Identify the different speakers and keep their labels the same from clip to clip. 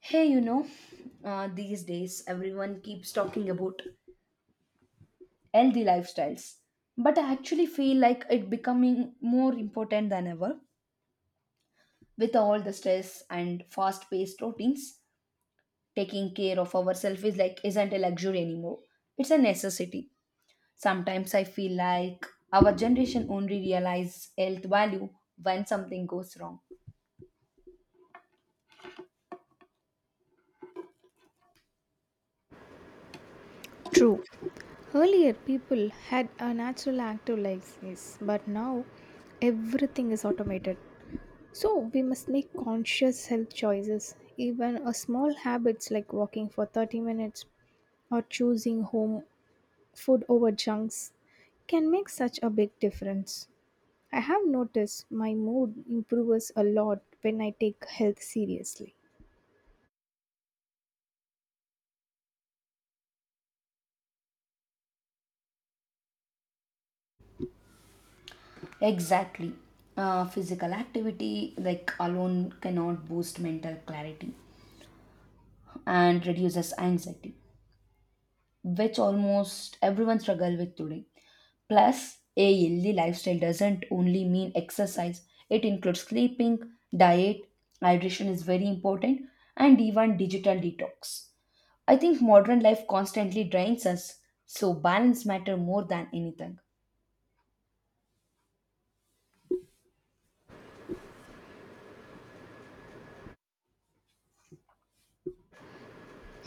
Speaker 1: Hey, you know, these days everyone keeps talking about healthy lifestyles, but I actually feel like it becoming more important than ever with all the stress and fast-paced routines. Taking care of ourselves is like isn't a luxury anymore; it's a necessity. Sometimes I feel like our generation only realize health value when something goes wrong.
Speaker 2: True. Earlier, people had a natural active lives, yes, but now everything is automated. So, we must make conscious health choices. Even a small habits like walking for 30 minutes or choosing home food over junks can make such a big difference. I have noticed my mood improves a lot when I take health seriously.
Speaker 1: Exactly. Physical activity, like alone, cannot boost mental clarity. And reduces anxiety, which almost everyone struggle with today. Plus, a healthy lifestyle doesn't only mean exercise, it includes sleeping, diet, hydration is very important, and even digital detox. I think modern life constantly drains us, so balance matter more than anything.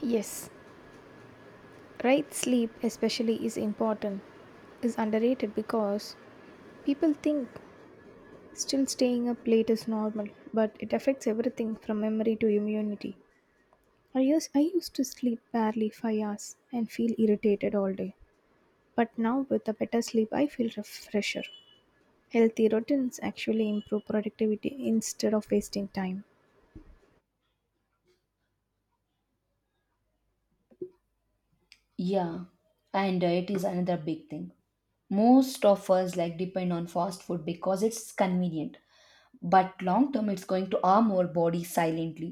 Speaker 2: Yes, right sleep especially is important is underrated because people think still staying up late is normal, but it affects everything from memory to immunity. I used to sleep barely 5 hours and feel irritated all day, but now with a better sleep, I feel fresher. Healthy routines actually improve productivity instead of wasting time.
Speaker 1: Yeah, and diet is another big thing. Most of us like depend on fast food because it's convenient. But long term it's going to harm our body silently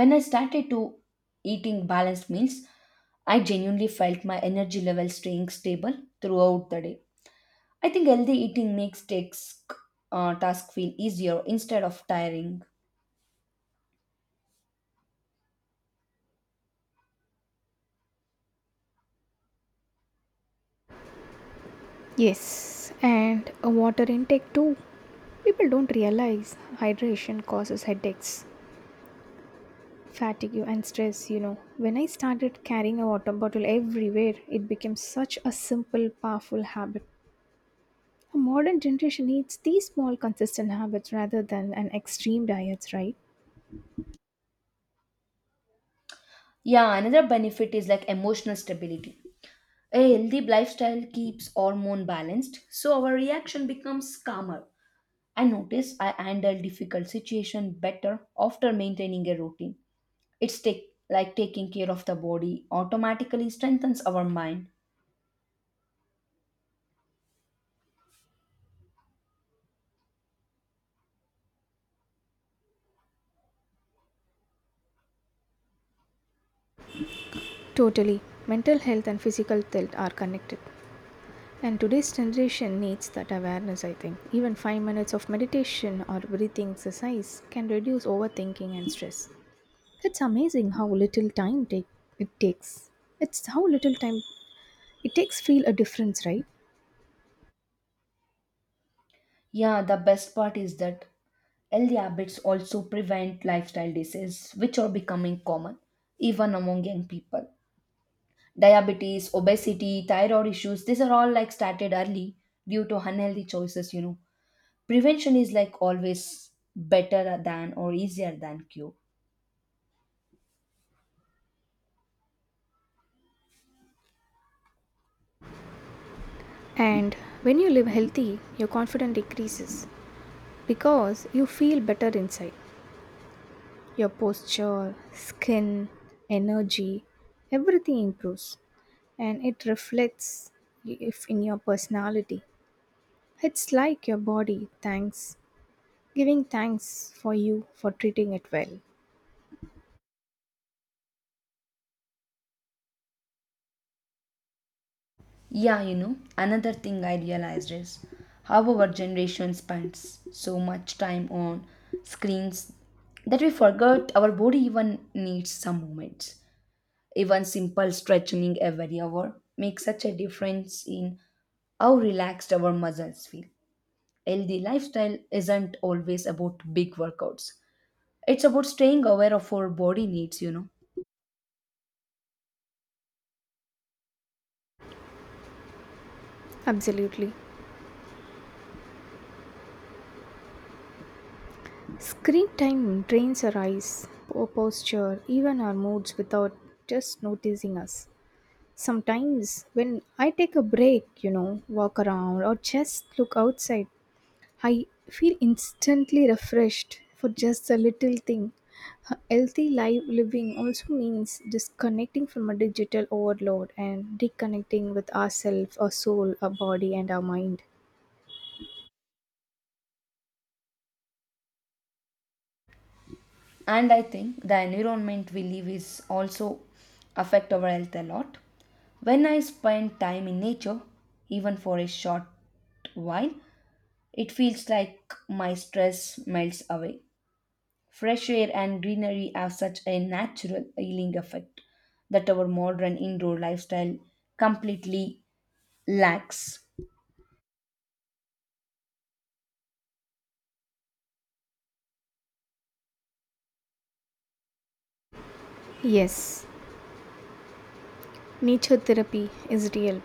Speaker 1: when I started to eating balanced meals. I genuinely felt my energy level staying stable throughout the day. I think healthy eating makes task task feel easier instead of tiring.
Speaker 2: Yes, and a water intake too. People don't realize hydration causes headaches, fatigue and stress. When I started carrying a water bottle everywhere, it became such a simple powerful habit. A modern generation needs these small consistent habits rather than an extreme diets, right?
Speaker 1: Yeah, another benefit is like emotional stability. A healthy lifestyle keeps hormone balanced so our reaction becomes calmer. I notice I handle difficult situation better after maintaining a routine. Like taking care of the body automatically strengthens our mind.
Speaker 2: Totally. Mental health and physical health are connected, and today's generation needs that awareness. I think even 5 minutes of meditation or breathing exercise can reduce overthinking and stress. It's amazing it takes how little time it takes feel a difference, right?
Speaker 1: Yeah, the best part is that healthy habits also prevent lifestyle diseases which are becoming common even among young people. Diabetes, obesity, thyroid issues, these are all like started early due to unhealthy choices, you know. Prevention is like always better than or easier than cure.
Speaker 2: And when you live healthy, your confidence decreases because you feel better inside. Your posture, skin, energy, everything improves and it reflects if in your personality. It's like your body thanks giving thanks for you for treating it well.
Speaker 1: Yeah, you know, another thing I realized is how our generation spends so much time on screens that we forgot our body even needs some movements. Even simple stretching every hour makes such a difference in how relaxed our muscles feel. Healthy lifestyle isn't always about big workouts. It's about staying aware of our body needs, you know.
Speaker 2: Absolutely. Screen time drains our eyes, our posture, even our moods without just noticing us. Sometimes when I take a break, walk around or just look outside, I feel instantly refreshed for just a little thing. Healthy life living also means disconnecting from a digital overload and reconnecting with ourselves, our soul, our body, and our mind.
Speaker 1: And I think the environment we live is also affect our health a lot. When I spend time in nature, even for a short while, it feels like my stress melts away. Fresh air and greenery have such a natural healing effect that our modern indoor lifestyle completely lacks.
Speaker 2: Yes, nature therapy is real.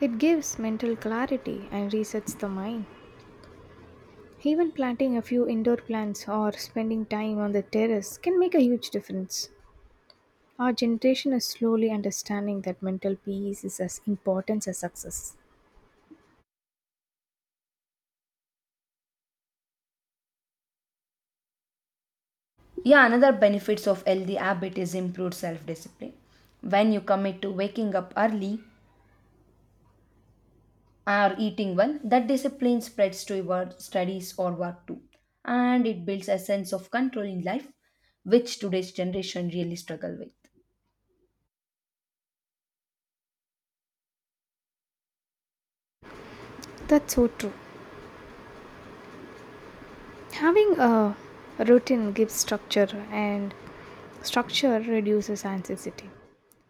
Speaker 2: It gives mental clarity and resets the mind. Even planting a few indoor plants or spending time on the terrace can make a huge difference. Our generation is slowly understanding that mental peace is as important as success.
Speaker 1: Yeah, another benefits of healthy habit is improved self discipline. When you commit to waking up early, are eating well, that discipline spreads to your studies or work too. And it builds a sense of control in life, which today's generation really struggle with.
Speaker 2: That's so true. Having a routine gives structure, and structure reduces anxiety.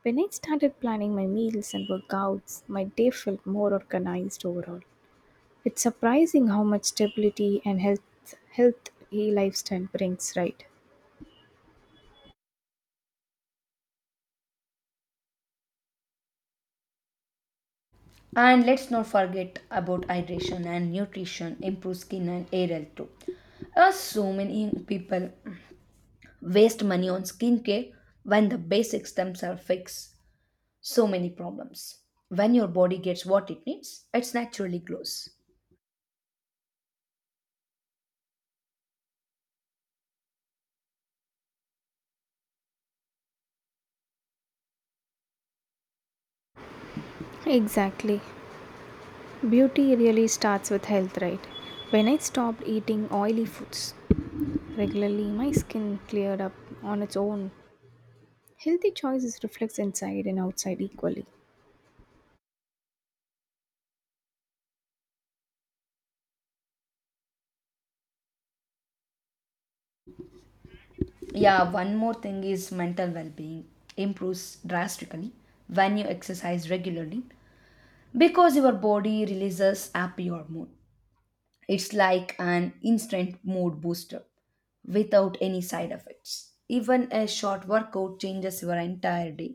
Speaker 2: When I started planning my meals and workouts, my day felt more organized overall. It's surprising how much stability and healthy lifestyle brings, right?
Speaker 1: And let's not forget about hydration and nutrition, improve skin and hair health too. So many young people waste money on skincare when the basics themselves fix so many problems. When your body gets what it needs, it naturally glows.
Speaker 2: Exactly. Beauty really starts with health, right? When I stopped eating oily foods regularly, my skin cleared up on its own. Healthy choices reflects inside and outside equally.
Speaker 1: Yeah, one more thing is mental well-being improves drastically when you exercise regularly because your body releases happy hormone. It's like an instant mood booster without any side effects. Even a short workout changes your entire day.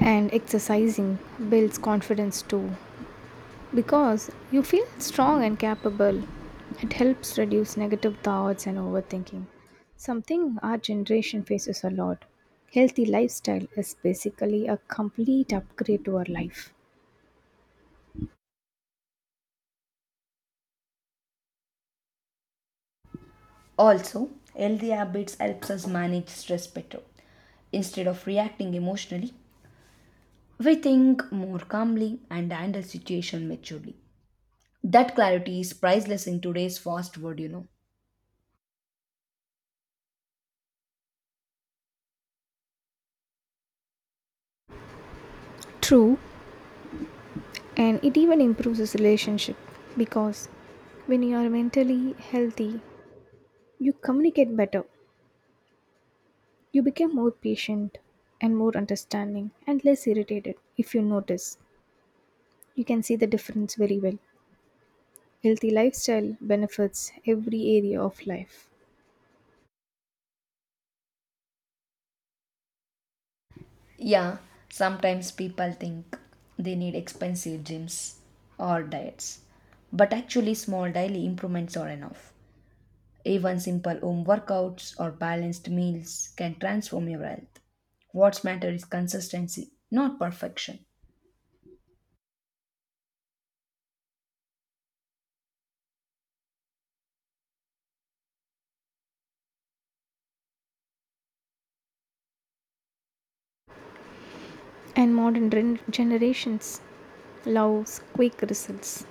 Speaker 2: And exercising builds confidence too because you feel strong and capable. It helps reduce negative thoughts and overthinking, something our generation faces a lot. Healthy lifestyle is basically a complete upgrade to our life.
Speaker 1: Also, healthy habits helps us manage stress better. Instead of reacting emotionally, we think more calmly and handle situation maturely. That clarity is priceless in today's fast world, you know.
Speaker 2: True, and it even improves his relationship because when you are mentally healthy, you communicate better, you become more patient and more understanding and less irritated. If you notice, you can see the difference very well. Healthy lifestyle benefits every area of life.
Speaker 1: Yeah, sometimes people think they need expensive gyms or diets, but actually, small daily improvements are enough. Even simple home workouts or balanced meals can transform your health. What matters is consistency, not perfection.
Speaker 2: And modern generations loves quick results.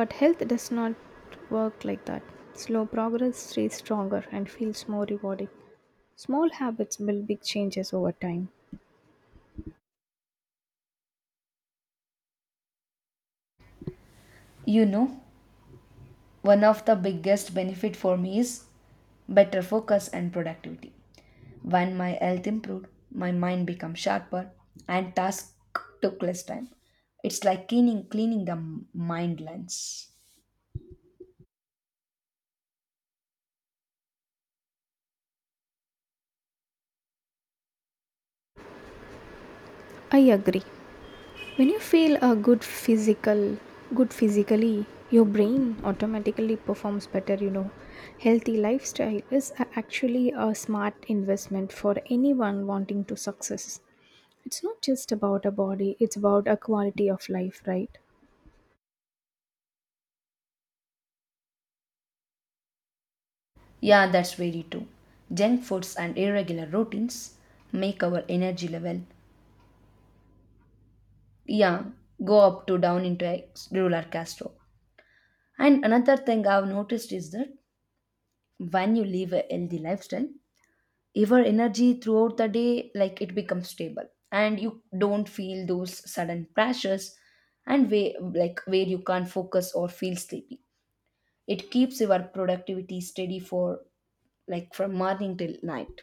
Speaker 2: But health does not work like that. Slow progress stays stronger and feels more rewarding. Small habits build big changes over time.
Speaker 1: You know, one of the biggest benefit for me is better focus and productivity. When my health improved, my mind became sharper and task took less time. It's like cleaning the mind lens.
Speaker 2: I agree. When you feel good physically, your brain automatically performs better, you know. Healthy lifestyle is actually a smart investment for anyone wanting to success. It's not just about a body, it's about a quality of life, right?
Speaker 1: Yeah, that's very true. Junk foods and irregular routines make our energy level, yeah, go up to down into a roller castro. And another thing I've noticed is that when you live a healthy lifestyle, your energy throughout the day like it becomes stable and you don't feel those sudden crashes and way like where you can't focus or feel sleepy. It keeps your productivity steady for like from morning till night.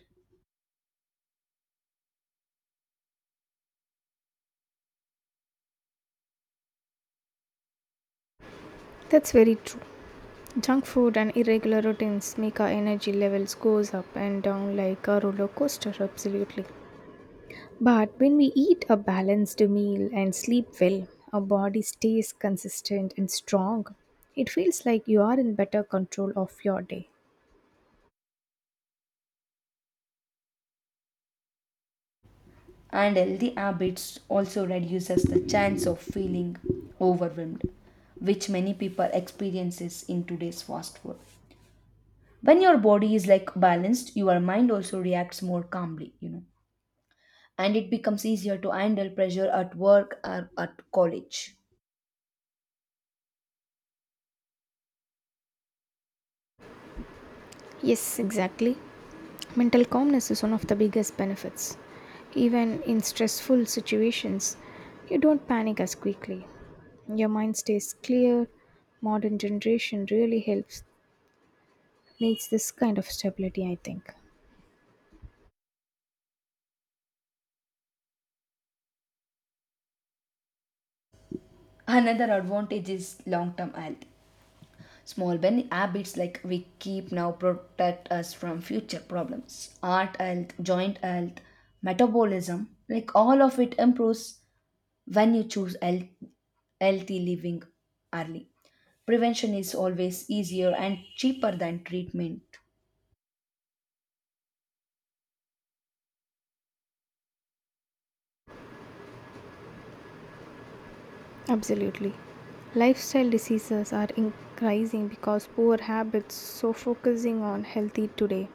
Speaker 2: That's very true. Junk food and irregular routines make our energy levels goes up and down like a roller coaster absolutely. But when we eat a balanced meal and sleep well, our body stays consistent and strong. It feels like you are in better control of your day.
Speaker 1: And healthy habits also reduces the chance of feeling overwhelmed, which many people experiences in today's fast world. When your body is like balanced, your mind also reacts more calmly, you know, and it becomes easier to handle pressure at work or at college.
Speaker 2: Yes, exactly. Mental calmness is one of the biggest benefits. Even in stressful situations, you don't panic as quickly. Your mind stays clear. Modern generation really helps needs this kind of stability, I think.
Speaker 1: Another advantage is long term health. Small habits like we keep now protect us from future problems. Heart health, joint health, metabolism, like all of it improves when you choose healthy living early. Prevention is always easier and cheaper than treatment.
Speaker 2: Absolutely. Lifestyle diseases are increasing because poor habits, so focusing on healthy today.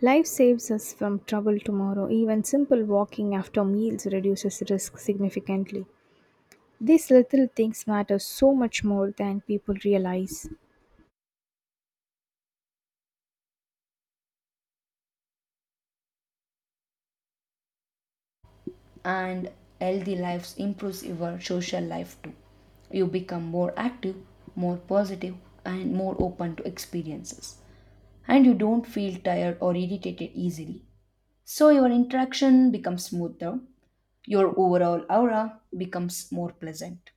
Speaker 2: Life saves us from trouble tomorrow. Even simple walking after meals reduces risk significantly. These little things matter so much more than people realize.
Speaker 1: And healthy lives improves your social life too. You become more active, more positive, and more open to experiences, and you don't feel tired or irritated easily, so your interaction becomes smoother. Your overall aura becomes more pleasant.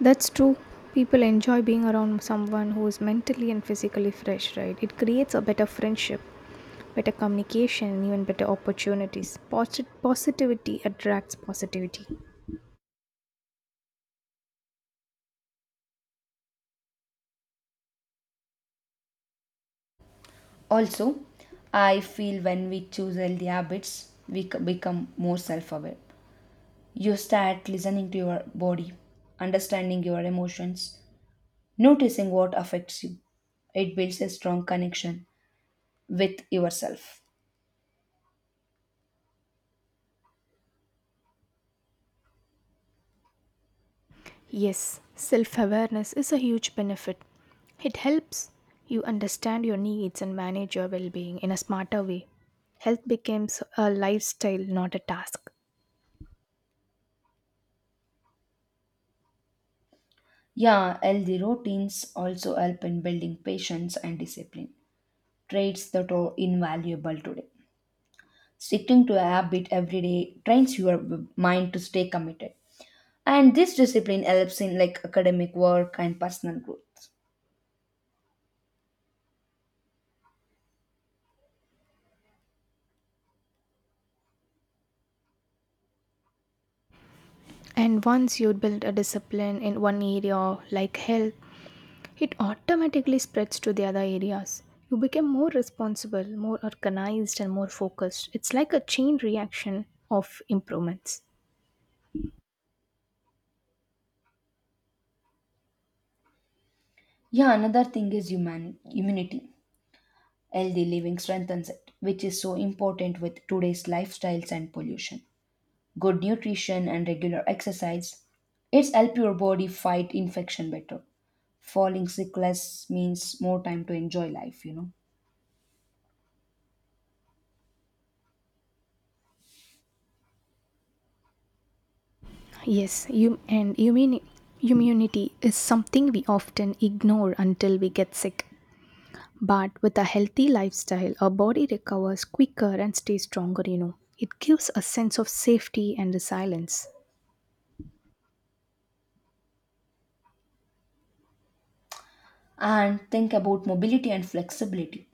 Speaker 2: That's true. People enjoy being around someone who is mentally and physically fresh, right? It creates a better friendship, better communication, and even better opportunities. Positivity attracts positivity.
Speaker 1: Also, I feel when we choose healthy habits, we become more self aware. You start listening to your body, understanding your emotions, noticing what affects you. It builds a strong connection with yourself.
Speaker 2: Yes, self awareness is a huge benefit. It helps you understand your needs and manage your well being in a smarter way. Health becomes a lifestyle, not a task.
Speaker 1: Yeah, healthy routines also help in building patience and discipline, traits that are invaluable today. Sticking to a habit every day trains your mind to stay committed. And this discipline helps in like academic work and personal growth.
Speaker 2: And once you build a discipline in one area like health, it automatically spreads to the other areas. You become more responsible, more organized, and more focused. It's like a chain reaction of improvements.
Speaker 1: Yeah, another thing is human immunity. Healthy living strengthens it, which is so important with today's lifestyles and pollution. Good nutrition and regular exercise. It's help your body fight infection better. Falling sick less means more time to enjoy life, you know.
Speaker 2: Yes, you and immunity is something we often ignore until we get sick. But with a healthy lifestyle, our body recovers quicker and stays stronger, you know. It gives a sense of safety and resilience.
Speaker 1: And think about mobility and flexibility.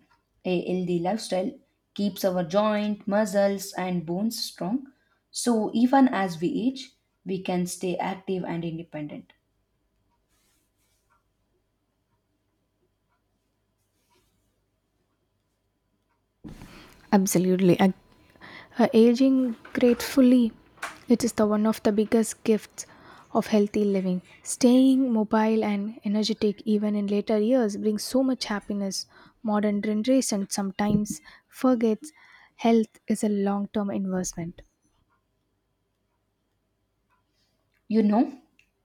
Speaker 1: A healthy lifestyle keeps our joint, muscles, and bones strong. So even as we age, we can stay active and independent.
Speaker 2: Absolutely. I Aging gracefully, it is the one of the biggest gifts of healthy living. Staying mobile and energetic even in later years brings so much happiness. Modern generation sometimes forgets health is a long-term investment.
Speaker 1: You know,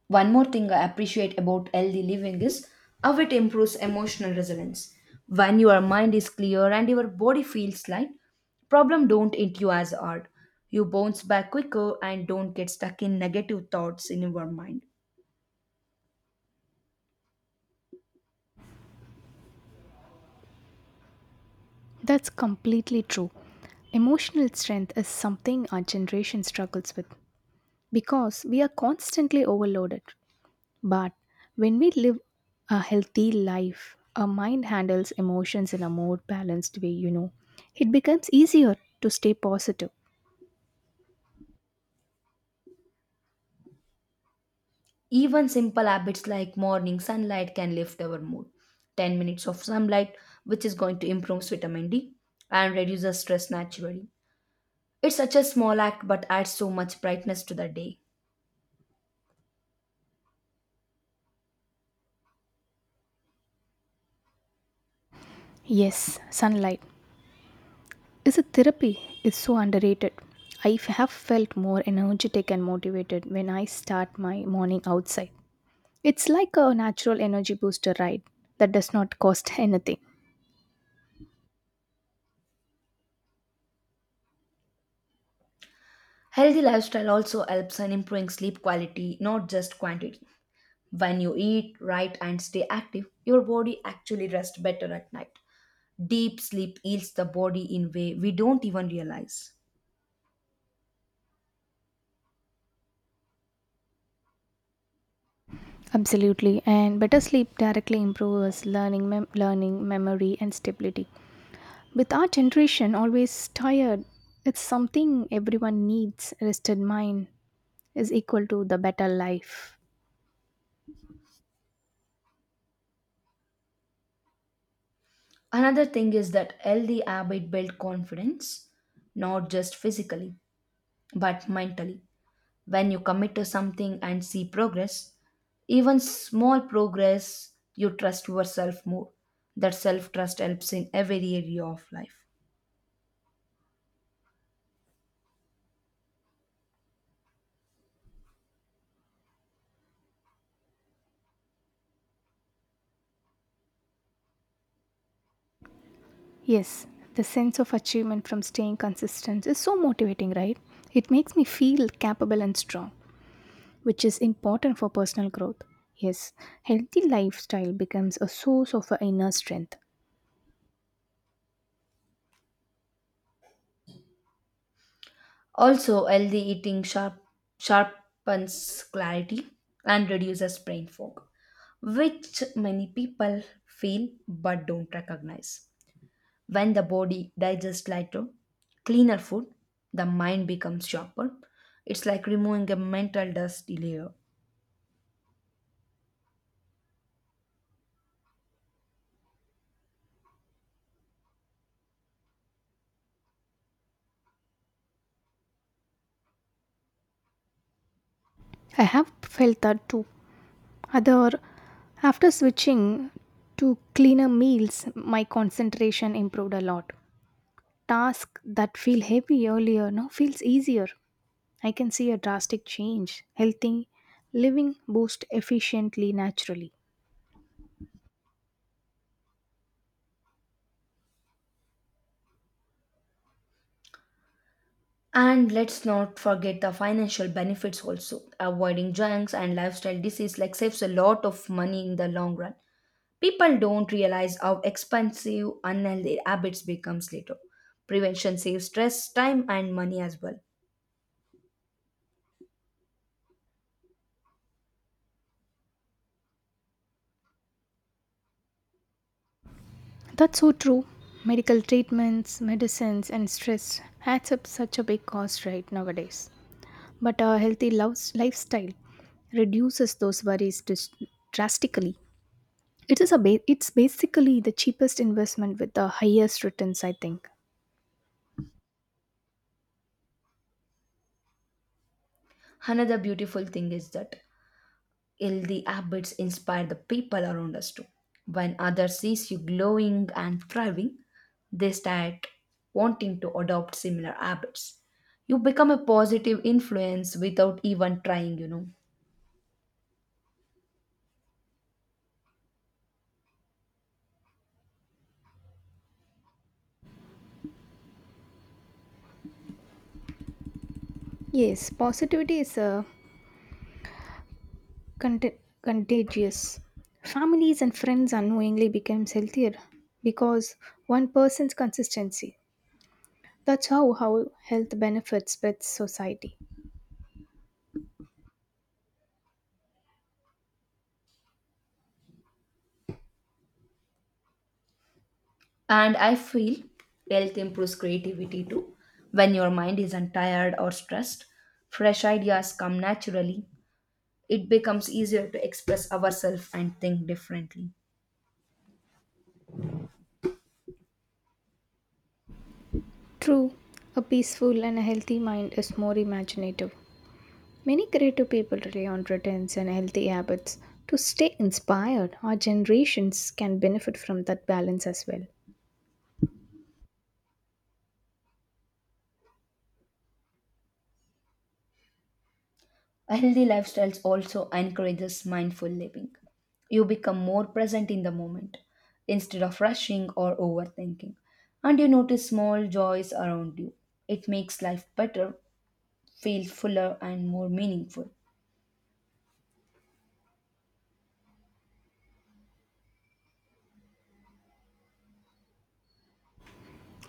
Speaker 1: one more thing I appreciate about healthy living is how it improves emotional resilience. When your mind is clear and your body feels light, problem don't hit you as hard. You bounce back quicker and don't get stuck in negative thoughts in your mind.
Speaker 2: That's completely true. Emotional strength is something our generation struggles with because we are constantly overloaded. But when we live a healthy life, our mind handles emotions in a more balanced way, you know. It becomes easier to stay positive.
Speaker 1: Even simple habits like morning sunlight can lift our mood. 10 minutes of sunlight, which is going to improve vitamin D and reduces stress naturally. It's such a small act but adds so much brightness to the day.
Speaker 2: Yes, sunlight is a therapy. It's so underrated. I have felt more energetic and motivated when I start my morning outside. It's like a natural energy booster ride that does not cost anything.
Speaker 1: Healthy lifestyle also helps in improving sleep quality, not just quantity. When you eat right and stay active, your body actually rests better at night. Deep sleep heals the body in way we don't even realize.
Speaker 2: Absolutely, and better sleep directly improves learning, memory, and stability. With our generation always tired, it's something everyone needs. Rested mind is equal to the better life.
Speaker 1: Another thing is that healthy habit build confidence, not just physically, but mentally. When you commit to something and see progress, even small progress, you trust yourself more. That self trust helps in every area of life.
Speaker 2: Yes, the sense of achievement from staying consistent is so motivating, right? It makes me feel capable and strong, which is important for personal growth. Yes, healthy lifestyle becomes a source of inner strength.
Speaker 1: Also, sharpens clarity and reduces brain fog, which many people feel but don't recognize. When the body digests lighter, cleaner food, the mind becomes sharper. It's like removing a mental dust layer.
Speaker 2: I have felt that too. Other after switching to cleaner meals, my concentration improved a lot. Task that feel heavy earlier now feels easier. I can see a drastic change. Healthy living boost efficiently naturally.
Speaker 1: And let's not forget the financial benefits also. Avoiding junks and lifestyle disease like saves a lot of money in the long run. People don't realize how expensive unhealthy habits becomes later. Prevention saves stress, time and money as well.
Speaker 2: That's so true. Medical treatments, medicines, and stress adds up such a big cost right nowadays. But a healthy lifestyle reduces those worries drastically. It is a ba- It's basically the cheapest investment with the highest returns, I think.
Speaker 1: Another beautiful thing is that healthy habits inspire the people around us too. When others sees you glowing and thriving, they start wanting to adopt similar habits. You become a positive influence without even trying, you know.
Speaker 2: Yes, positivity is contagious. Families and friends unknowingly become healthier because one person's consistency. That's how health benefits spreads society.
Speaker 1: And I feel health improves creativity too. When your mind isn't tired or stressed, fresh ideas come naturally. It becomes easier to express ourselves and think differently.
Speaker 2: True, a peaceful and a healthy mind is more imaginative. Many creative people rely on routines and healthy habits to stay inspired. Our generations can benefit from that balance as well.
Speaker 1: A healthy lifestyle also encourages mindful living. You become more present in the moment instead of rushing or overthinking, and you notice small joys around you. It makes life better, feel fuller, and more meaningful.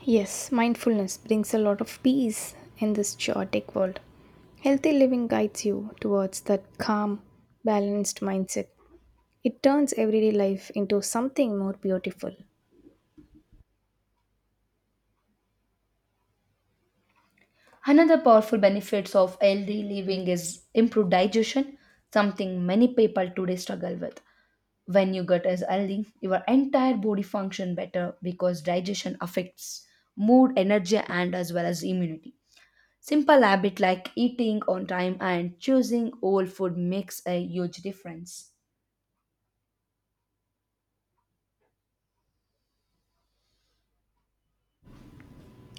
Speaker 2: Yes, mindfulness brings a lot of peace in this chaotic world. Healthy living guides you towards that calm, balanced mindset. It turns everyday life into something more beautiful.
Speaker 1: Another powerful benefits of healthy living is improved digestion, something many people today struggle with. When your gut is healthy, your entire body function better because digestion affects mood, energy, and as well as immunity. Simple habit like eating on time and choosing whole food makes a huge difference.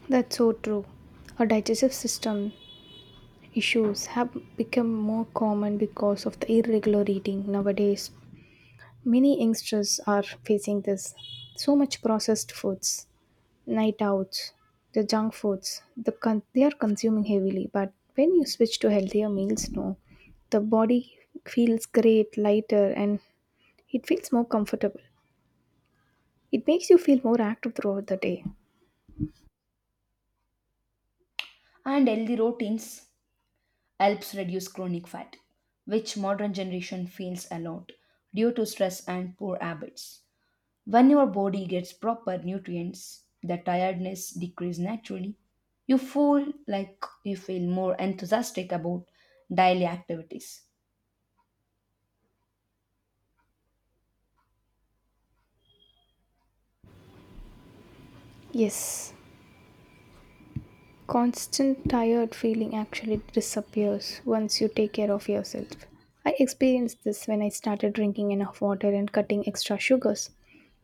Speaker 2: That's so true. Our digestive system issues have become more common because of the irregular eating nowadays. Many youngsters are facing this. So much processed foods. Night outs, the junk foods, they are consuming heavily. But when you switch to healthier meals, no, the body feels great, lighter, and it feels more comfortable. It makes you feel more active throughout the day.
Speaker 1: And healthy routines helps reduce chronic fat, which modern generation feels a lot due to stress and poor habits. When your body gets proper nutrients, the tiredness decreases naturally. You feel like you feel more enthusiastic about daily activities.
Speaker 2: Yes, constant tired feeling actually disappears once you take care of yourself. I experienced this when I started drinking enough water and cutting extra sugars.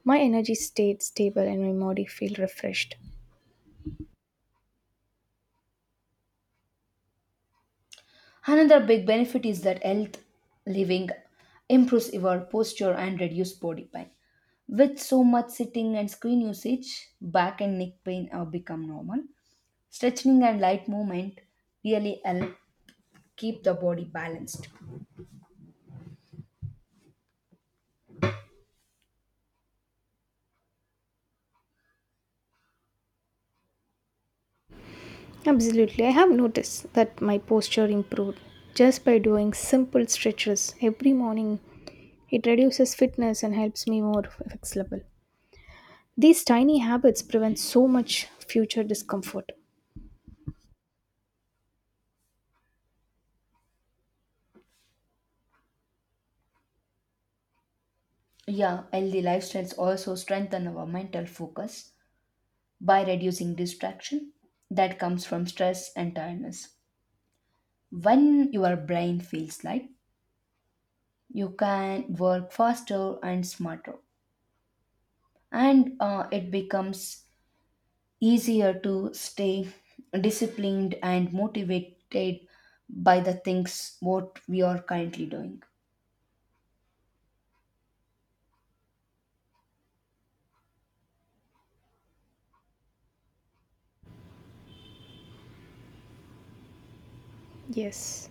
Speaker 2: My energy stayed stable and my body felt refreshed.
Speaker 1: Another big benefit is that health living improves your posture and reduces body pain. With so much sitting and screen usage, back and neck pain have become normal. Stretching and light movement really help keep the body balanced.
Speaker 2: Absolutely. I have noticed that my posture improved just by doing simple stretches every morning. It reduces fitness and helps me more flexible. These tiny habits prevent so much future discomfort.
Speaker 1: Yeah, healthy lifestyles also strengthen our mental focus by reducing distraction that comes from stress and tiredness. When your brain feels light, you can work faster and smarter, and it becomes easier to stay disciplined and motivated by the things what we are currently doing.
Speaker 2: Yes,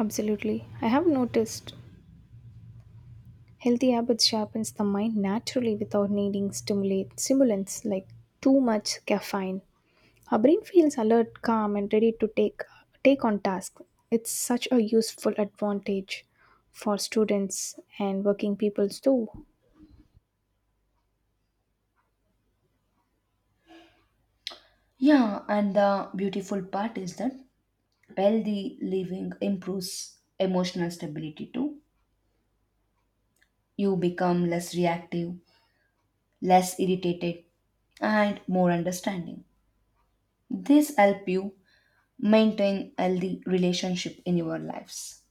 Speaker 2: absolutely. I have noticed healthy habits sharpens the mind naturally without needing stimulate stimulants like too much caffeine. Our brain feels alert, calm, and ready to take on task. It's such a useful advantage for students and working people too.
Speaker 1: Yeah, and the beautiful part is that healthy living improves emotional stability too. You become less reactive, less irritated, and more understanding. This help you maintain healthy relationship in your lives.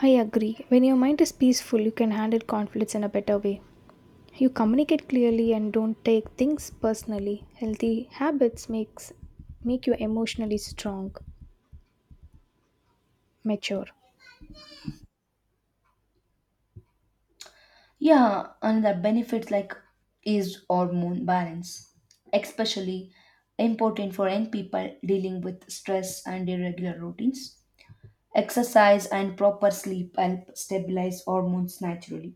Speaker 2: I agree. When your mind is peaceful, you can handle conflicts in a better way. You communicate clearly and don't take things personally. Healthy habits make you emotionally strong, mature.
Speaker 1: Yeah, another benefit like is hormone balance, especially important for young people dealing with stress and irregular routines. Exercise and proper sleep help stabilize hormones naturally,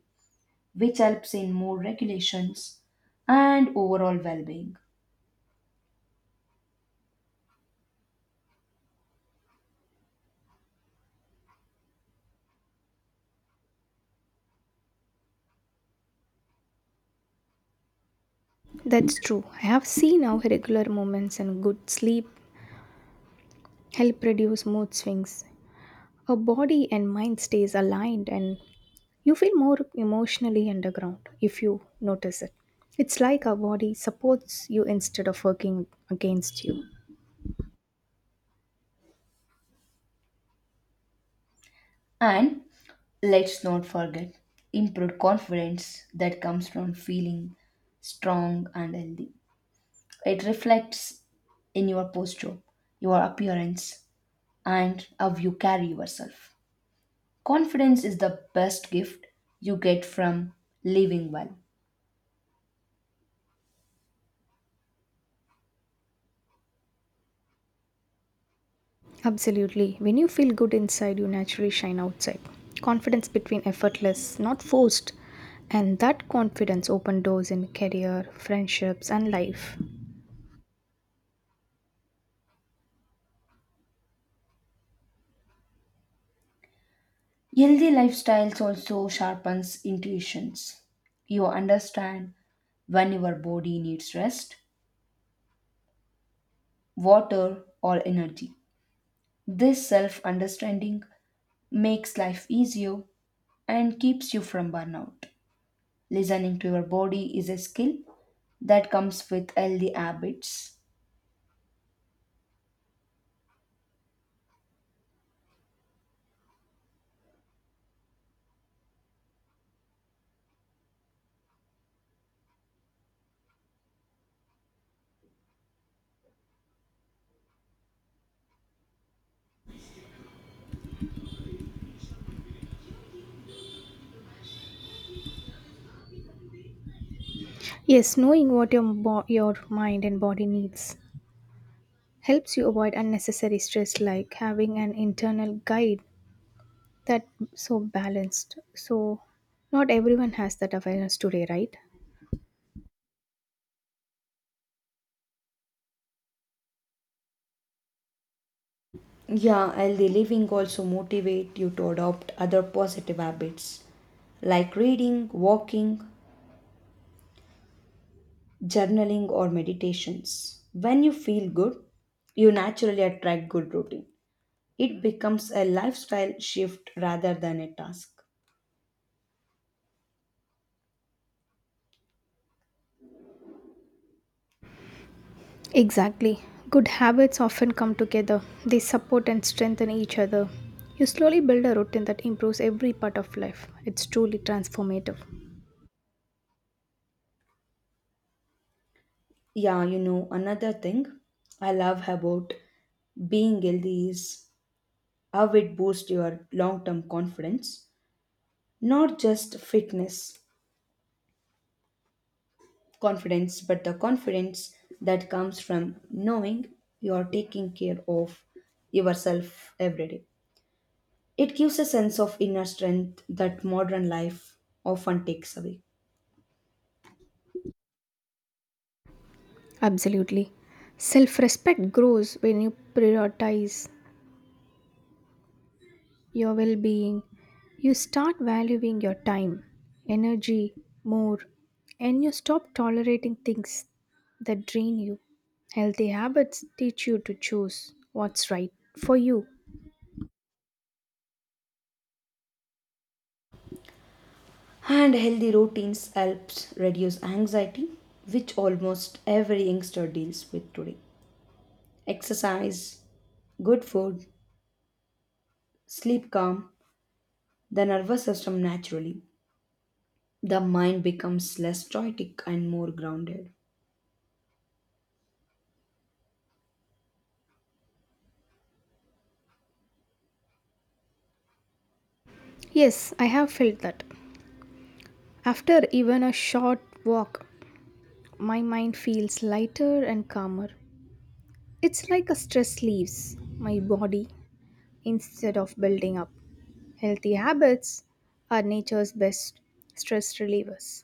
Speaker 1: which helps in more regulations and overall well-being.
Speaker 2: That's true. I have seen how regular moments and good sleep help reduce mood swings. Her body and mind stays aligned and you feel more emotionally underground if you notice it. It's like our body supports you instead of working against you.
Speaker 1: And let's not forget improved confidence that comes from feeling strong and healthy. It reflects in your posture, your appearance, and how you carry yourself. Confidence is the best gift you get from living well.
Speaker 2: Absolutely. When you feel good inside, you naturally shine outside. Confidence between effortless, not forced. And that confidence opens doors in career, friendships, and life.
Speaker 1: Healthy lifestyles also sharpens intuitions. You understand when your body needs rest, water, or energy. This self understanding makes life easier and keeps you from burnout. Listening to your body is a skill that comes with healthy habits.
Speaker 2: Yes, knowing what your mind and body needs helps you avoid unnecessary stress, like having an internal guide that so balanced, so not everyone has that awareness today, right?
Speaker 1: Yeah, healthy living also motivate you to adopt other positive habits like reading, walking, journaling or meditations. When you feel good, you naturally attract good routine. It becomes a lifestyle shift rather than a task.
Speaker 2: Exactly. Good habits often come together. They support and strengthen each other. You slowly build a routine that improves every part of life. It's truly transformative.
Speaker 1: Yeah, you know, another thing I love about being healthy is how it boosts your long term confidence, not just fitness confidence, but the confidence that comes from knowing you are taking care of yourself every day. It gives a sense of inner strength that modern life often takes away.
Speaker 2: Absolutely. Self-respect grows when you prioritize your well being. You start valuing your time, energy more, and you stop tolerating things that drain you. Healthy habits teach you to choose what's right for you.
Speaker 1: And healthy routines helps reduce anxiety, which almost every youngster deals with today. Exercise, good food, sleep calm, the nervous system naturally the mind becomes less static and more grounded.
Speaker 2: Yes, I have felt that. After even a short walk, my mind feels lighter and calmer. It's like a stress leaves my body instead of building up. Healthy habits are nature's best stress relievers.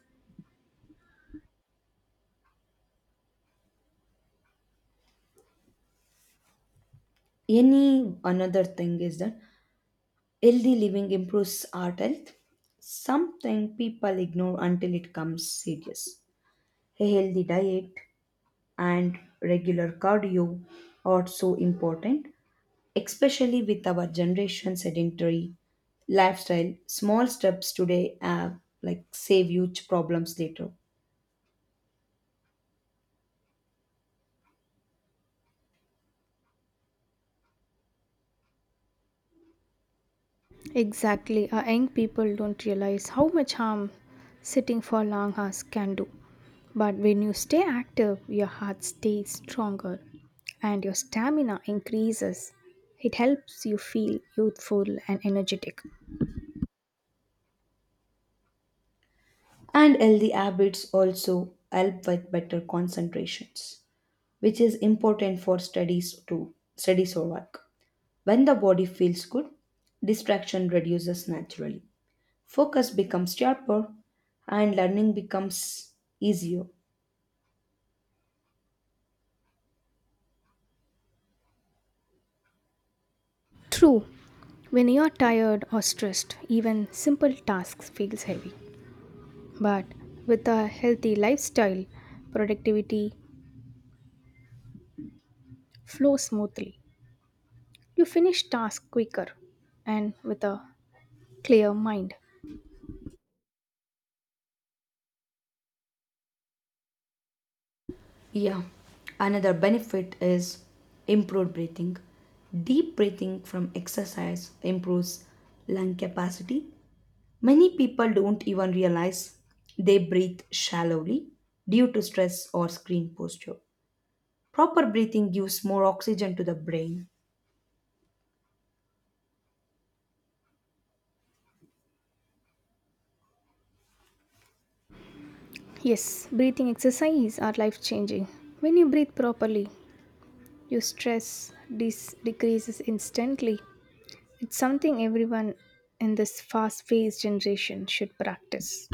Speaker 1: Any another thing is that healthy living improves heart health, something people ignore until it comes serious. A healthy diet and regular cardio are so important, especially with our generation sedentary lifestyle. Small steps today have like save huge problems later.
Speaker 2: Exactly. Our young people don't realize how much harm sitting for long hours can do. But when you stay active, your heart stays stronger and your stamina increases. It helps you feel youthful and energetic.
Speaker 1: And healthy habits also help with better concentrations, which is important for studies too, studies or work. When the body feels good, distraction reduces naturally. Focus becomes sharper and learning becomes easier.
Speaker 2: True, when you are tired or stressed, even simple tasks feels heavy. But with a healthy lifestyle, productivity flows smoothly. You finish tasks quicker and with a clear mind.
Speaker 1: Yeah. Another benefit is improved breathing. Deep breathing from exercise improves lung capacity. Many people don't even realize they breathe shallowly due to stress or screen posture. Proper breathing gives more oxygen to the brain.
Speaker 2: Yes, breathing exercises are life changing. When you breathe properly, your stress decreases instantly. It's something everyone in this fast paced generation should practice.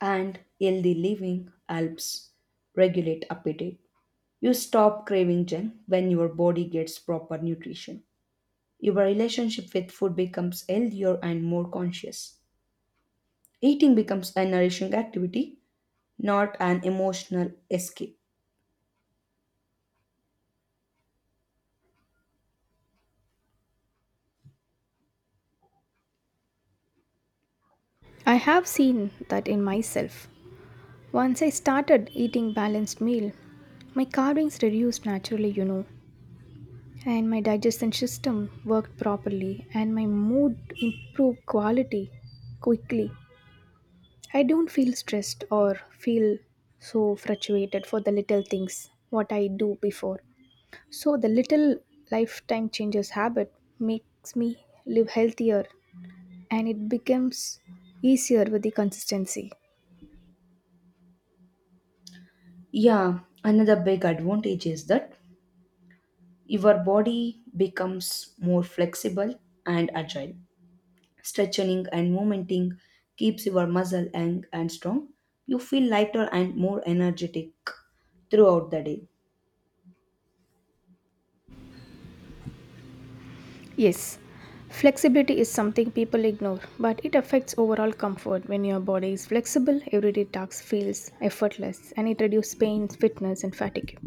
Speaker 1: And healthy living helps regulate appetite. You stop craving junk when your body gets proper nutrition. Your relationship with food becomes healthier and more conscious. Eating becomes a nourishing activity, not an emotional escape.
Speaker 2: I have seen that in myself. Once I started eating balanced meal, my carvings reduced naturally, and my digestion system worked properly and my mood improved quality quickly. I don't feel stressed or feel so frustrated for the little things what I do before. So the little lifetime changes habit makes me live healthier and it becomes easier with the consistency.
Speaker 1: Yeah, another big advantage is that your body becomes more flexible and agile. Stretching and movementing keeps your muscle young and strong. You feel lighter and more energetic throughout the day.
Speaker 2: Yes, flexibility is something people ignore, but it affects overall comfort. When your body is flexible, everyday tasks feels effortless and it reduces pain, fitness and fatigue.